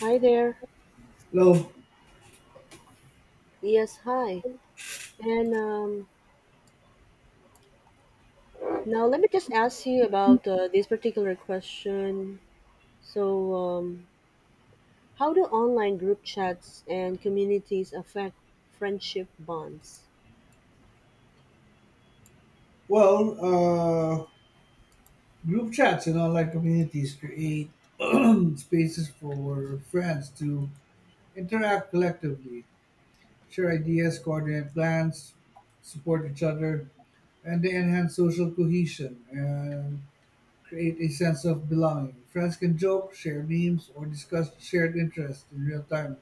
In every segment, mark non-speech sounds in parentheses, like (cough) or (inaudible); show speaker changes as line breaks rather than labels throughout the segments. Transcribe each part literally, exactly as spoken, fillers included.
Hi there.
Well,
Yes, hi. And um, Now let me just ask you about uh, this particular question. So, um, how do online group chats and communities affect friendship bonds?
well, uh, Group chats in online communities create (clears throat) spaces for friends to interact collectively, share ideas, coordinate plans, support each other, and they enhance social cohesion and create a sense of belonging. Friends can joke, share memes, or discuss shared interests in real time.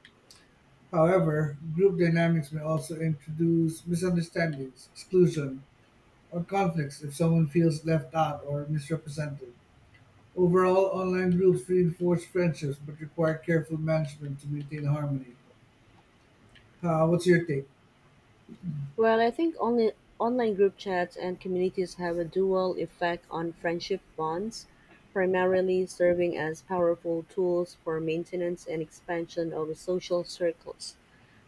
However, group dynamics may also introduce misunderstandings, exclusion, or conflicts if someone feels left out or misrepresented. Overall, online groups reinforce friendships but require careful management to maintain harmony. Uh, what's your take?
Well, I think only online group chats and communities have a dual effect on friendship bonds, primarily serving as powerful tools for maintenance and expansion of social circles.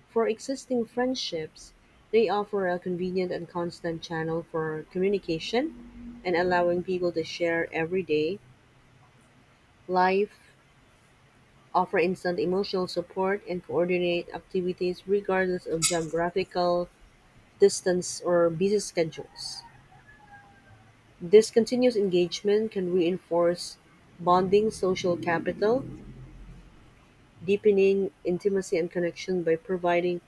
For existing friendships, they offer a convenient and constant channel for communication and allowing people to share everyday life, offer instant emotional support, and coordinate activities regardless of geographical distance or busy schedules. This continuous engagement can reinforce bonding social capital, deepening intimacy and connection by providing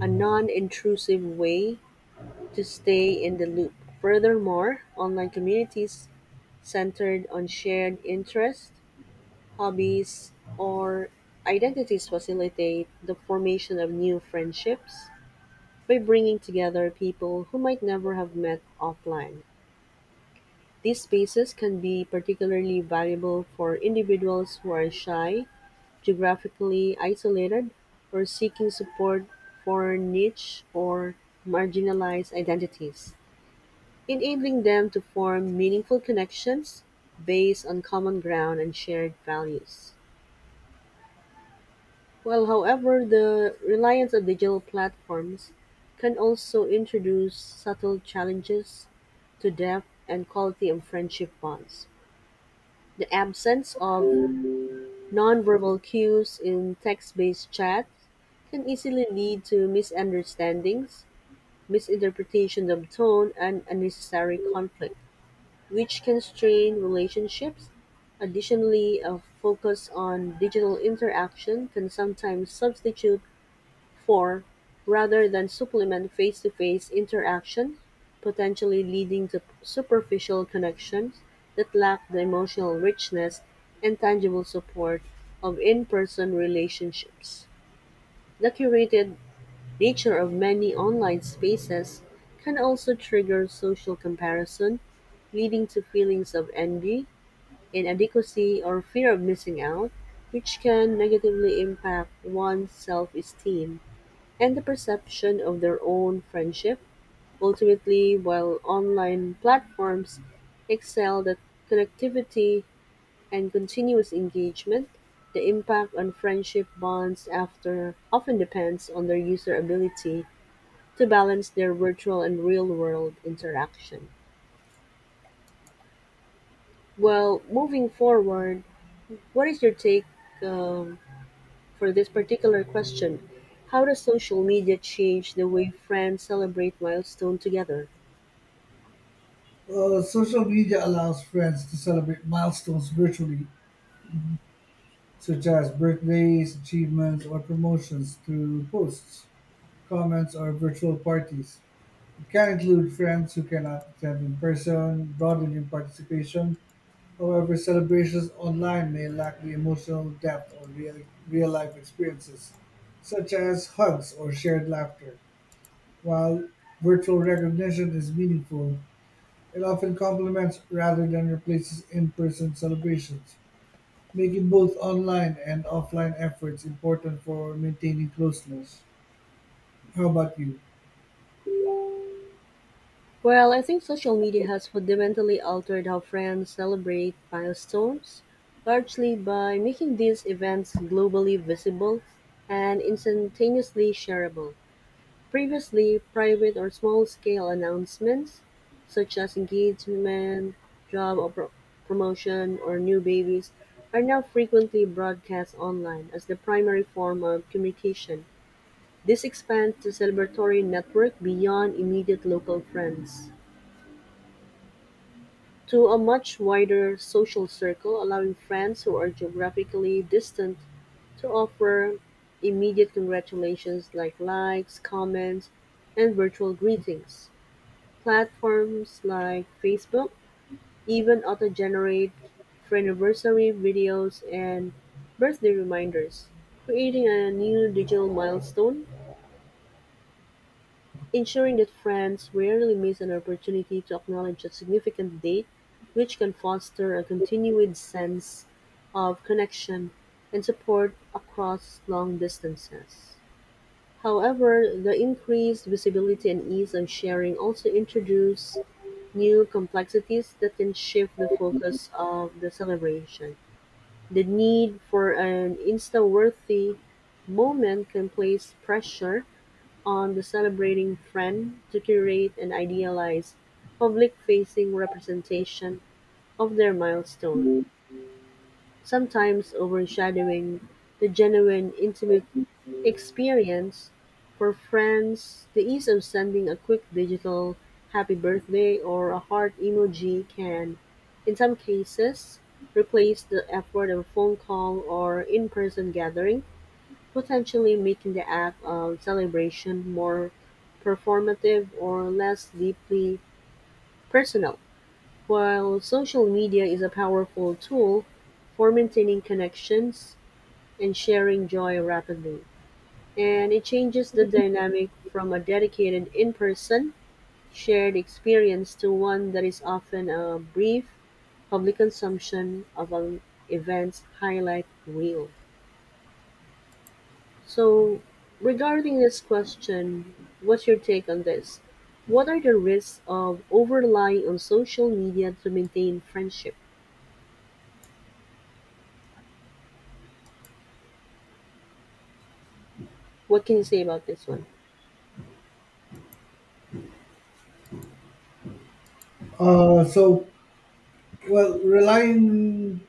a non intrusive way to stay in the loop. Furthermore, online communities centered on shared interests, hobbies, or identities facilitate the formation of new friendships by bringing together people who might never have met offline. These spaces can be particularly valuable for individuals who are shy, geographically isolated, or seeking support for niche or marginalized identities. Enabling them to form meaningful connections based on common ground and shared values. Well, however, the reliance on digital platforms can also introduce subtle challenges to depth and quality of friendship bonds. The absence of nonverbal cues in text based chat can easily lead to misunderstandings, misinterpretation of tone, and unnecessary conflict, which can strain relationships. Additionally, a focus on digital interaction can sometimes substitute for, rather than supplement, face-to-face interaction, potentially leading to superficial connections that lack the emotional richness and tangible support of in-person relationships. The curated nature of many online spaces can also trigger social comparison, leading to feelings of envy, inadequacy, or fear of missing out, which can negatively impact one's self-esteem and the perception of their own friendship. Ultimately, while online platforms excelled at connectivity and continuous engagement, the impact on friendship bonds after often depends on their user ability to balance their virtual and real-world interaction. Well, moving forward, what is your take um, for this particular question? How does social media change the way friends celebrate milestones together?
Well, social media allows friends to celebrate milestones virtually, such as birthdays, achievements, or promotions through posts, comments, or virtual parties. It can include friends who cannot attend in person, broadening participation. However, celebrations online may lack the emotional depth or real, real-life experiences, such as hugs or shared laughter. While virtual recognition is meaningful, it often complements rather than replaces in-person celebrations, making both online and offline efforts important for maintaining closeness. How about you?
Well, I think social media has fundamentally altered how friends celebrate milestones, largely by making these events globally visible and instantaneously shareable. Previously, private or small-scale announcements, such as engagement, job or pro- promotion, or new babies, are now frequently broadcast online as the primary form of communication. This expands the celebratory network beyond immediate local friends to a much wider social circle, allowing friends who are geographically distant to offer immediate congratulations like likes, comments, and virtual greetings. Platforms like Facebook even auto-generate anniversary videos and birthday reminders, creating a new digital milestone, ensuring that friends rarely miss an opportunity to acknowledge a significant date, which can foster a continued sense of connection and support across long distances. However, the increased visibility and ease of sharing also introduce new complexities that can shift the focus of the celebration. The need for an insta-worthy moment can place pressure on the celebrating friend to curate an idealized public-facing representation of their milestone, sometimes overshadowing the genuine intimate experience. For friends, the ease of sending a quick digital happy birthday or a heart emoji can, in some cases, replace the effort of a phone call or in person gathering, potentially making the act of celebration more performative or less deeply personal. While social media is a powerful tool for maintaining connections and sharing joy rapidly, and it changes the dynamic from a dedicated in person shared experience to one that is often a brief public consumption of an event's highlight reel. So, regarding this question, what's your take on this? What are the risks of over relying on social media to maintain friendship? What can you say about this one?
Uh, so, well, relying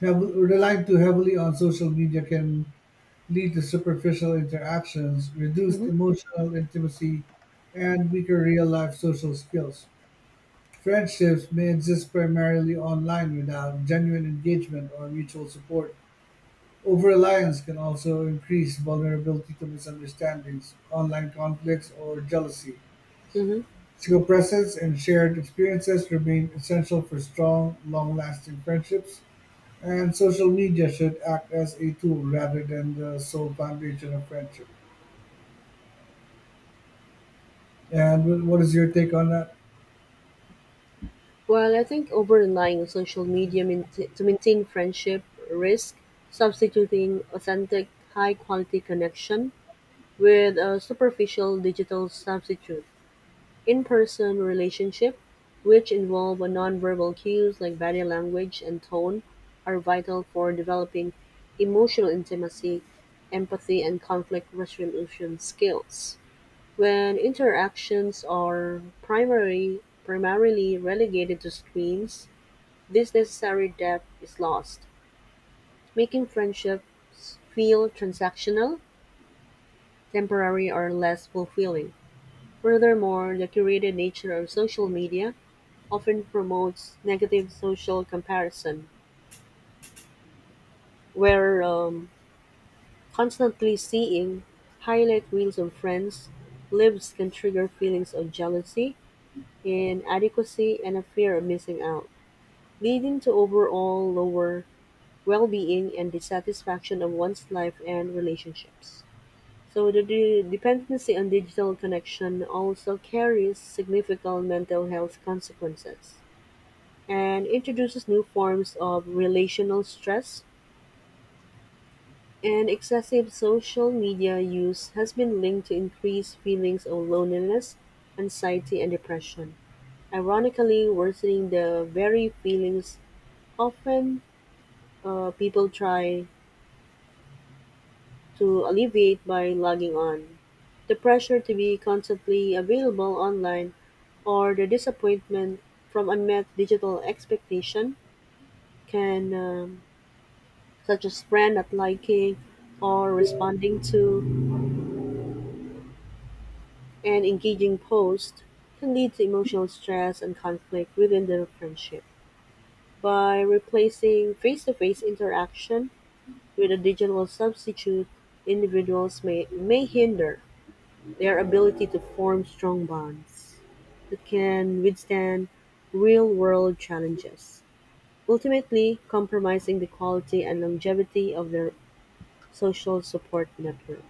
heav- relying too heavily on social media can lead to superficial interactions, reduced
hmm
emotional intimacy, and weaker real life social skills. Friendships may exist primarily online without genuine engagement or mutual support. Over reliance can also increase vulnerability to misunderstandings, online conflicts, or jealousy.
hmm
Physical presence and shared experiences remain essential for strong, long lasting friendships, and social media should act as a tool rather than the sole foundation of friendship. And wh- what is your take on that?
Well, I think over relying on social media main- to maintain friendship risk substituting authentic, high quality connection with a superficial digital substitute. In person relationship, which involve a nonverbal cues like body language and tone, are vital for developing emotional intimacy, empathy, and conflict resolution skills. When interactions are primary, primarily relegated to screens, this necessary depth is lost, making friendships feel transactional, temporary, or less fulfilling. Furthermore, the curated nature of social media often promotes negative social comparison, where um, constantly seeing highlight reels of friends lives can trigger feelings of jealousy, inadequacy, and a fear of missing out, leading to overall lower well-being and dissatisfaction of one's life and relationships. So the de- dependency on digital connection also carries significant mental health consequences and introduces new forms of relational stress, and excessive social media use has been linked to increased feelings of loneliness, anxiety, and depression, ironically worsening the very feelings often uh, people try to alleviate by logging on. The pressure to be constantly available online or the disappointment from unmet digital expectation can, um, such as brand not liking or responding to an engaging post, can lead to emotional stress and conflict within the friendship. By replacing face-to-face interaction with a digital substitute, individuals may, may hinder their ability to form strong bonds that can withstand real-world challenges, ultimately compromising the quality and longevity of their social support network.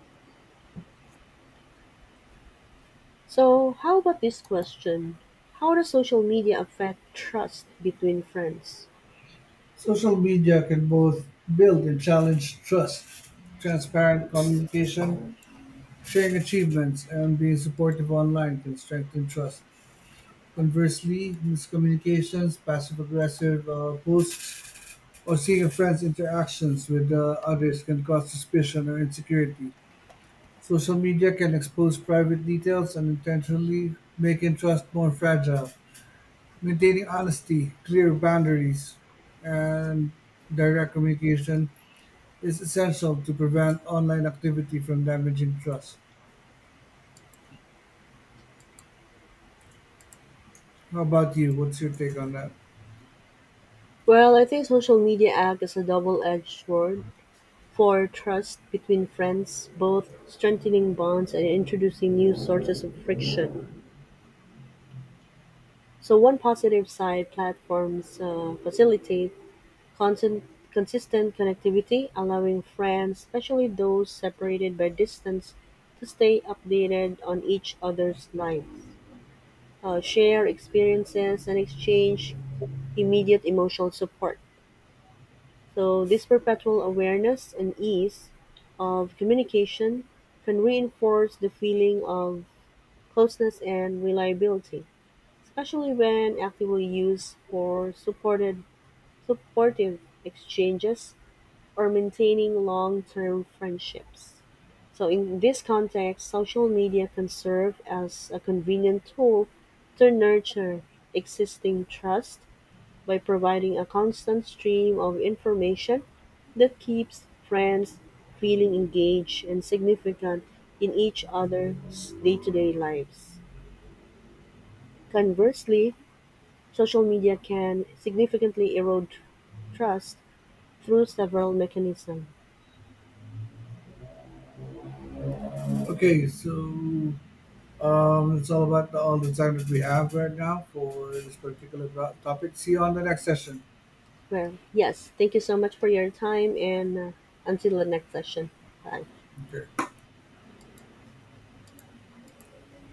So, how about this question? How does social media affect trust between friends?
Social media can both build and challenge trust. Transparent communication, sharing achievements, and being supportive online can strengthen trust. Conversely, miscommunications, passive aggressive uh, posts, or seeing a friend's interactions with uh, others can cause suspicion or insecurity. Social media can expose private details and intentionally making trust more fragile. Maintaining honesty, clear boundaries, and direct communication is essential to prevent online activity from damaging trust. How about you? What's your take on that?
Well, I think social media acts as a double-edged sword for trust between friends, both strengthening bonds and introducing new sources of friction. So one positive side, platforms uh, facilitate constant, consistent connectivity, allowing friends, especially those separated by distance, to stay updated on each other's lives, uh, share experiences, and exchange immediate emotional support. So this perpetual awareness and ease of communication can reinforce the feeling of closeness and reliability, especially when actively used for supported, supportive exchanges or maintaining long term friendships. So, in this context, social media can serve as a convenient tool to nurture existing trust by providing a constant stream of information that keeps friends feeling engaged and significant in each other's day to day lives. Conversely, social media can significantly erode trust through several mechanisms.
Okay, so um, it's all about the, all the time that we have right now for this particular topic. See you on the next session.
Well, yes, thank you so much for your time, and uh, until the next session. Bye.
Okay.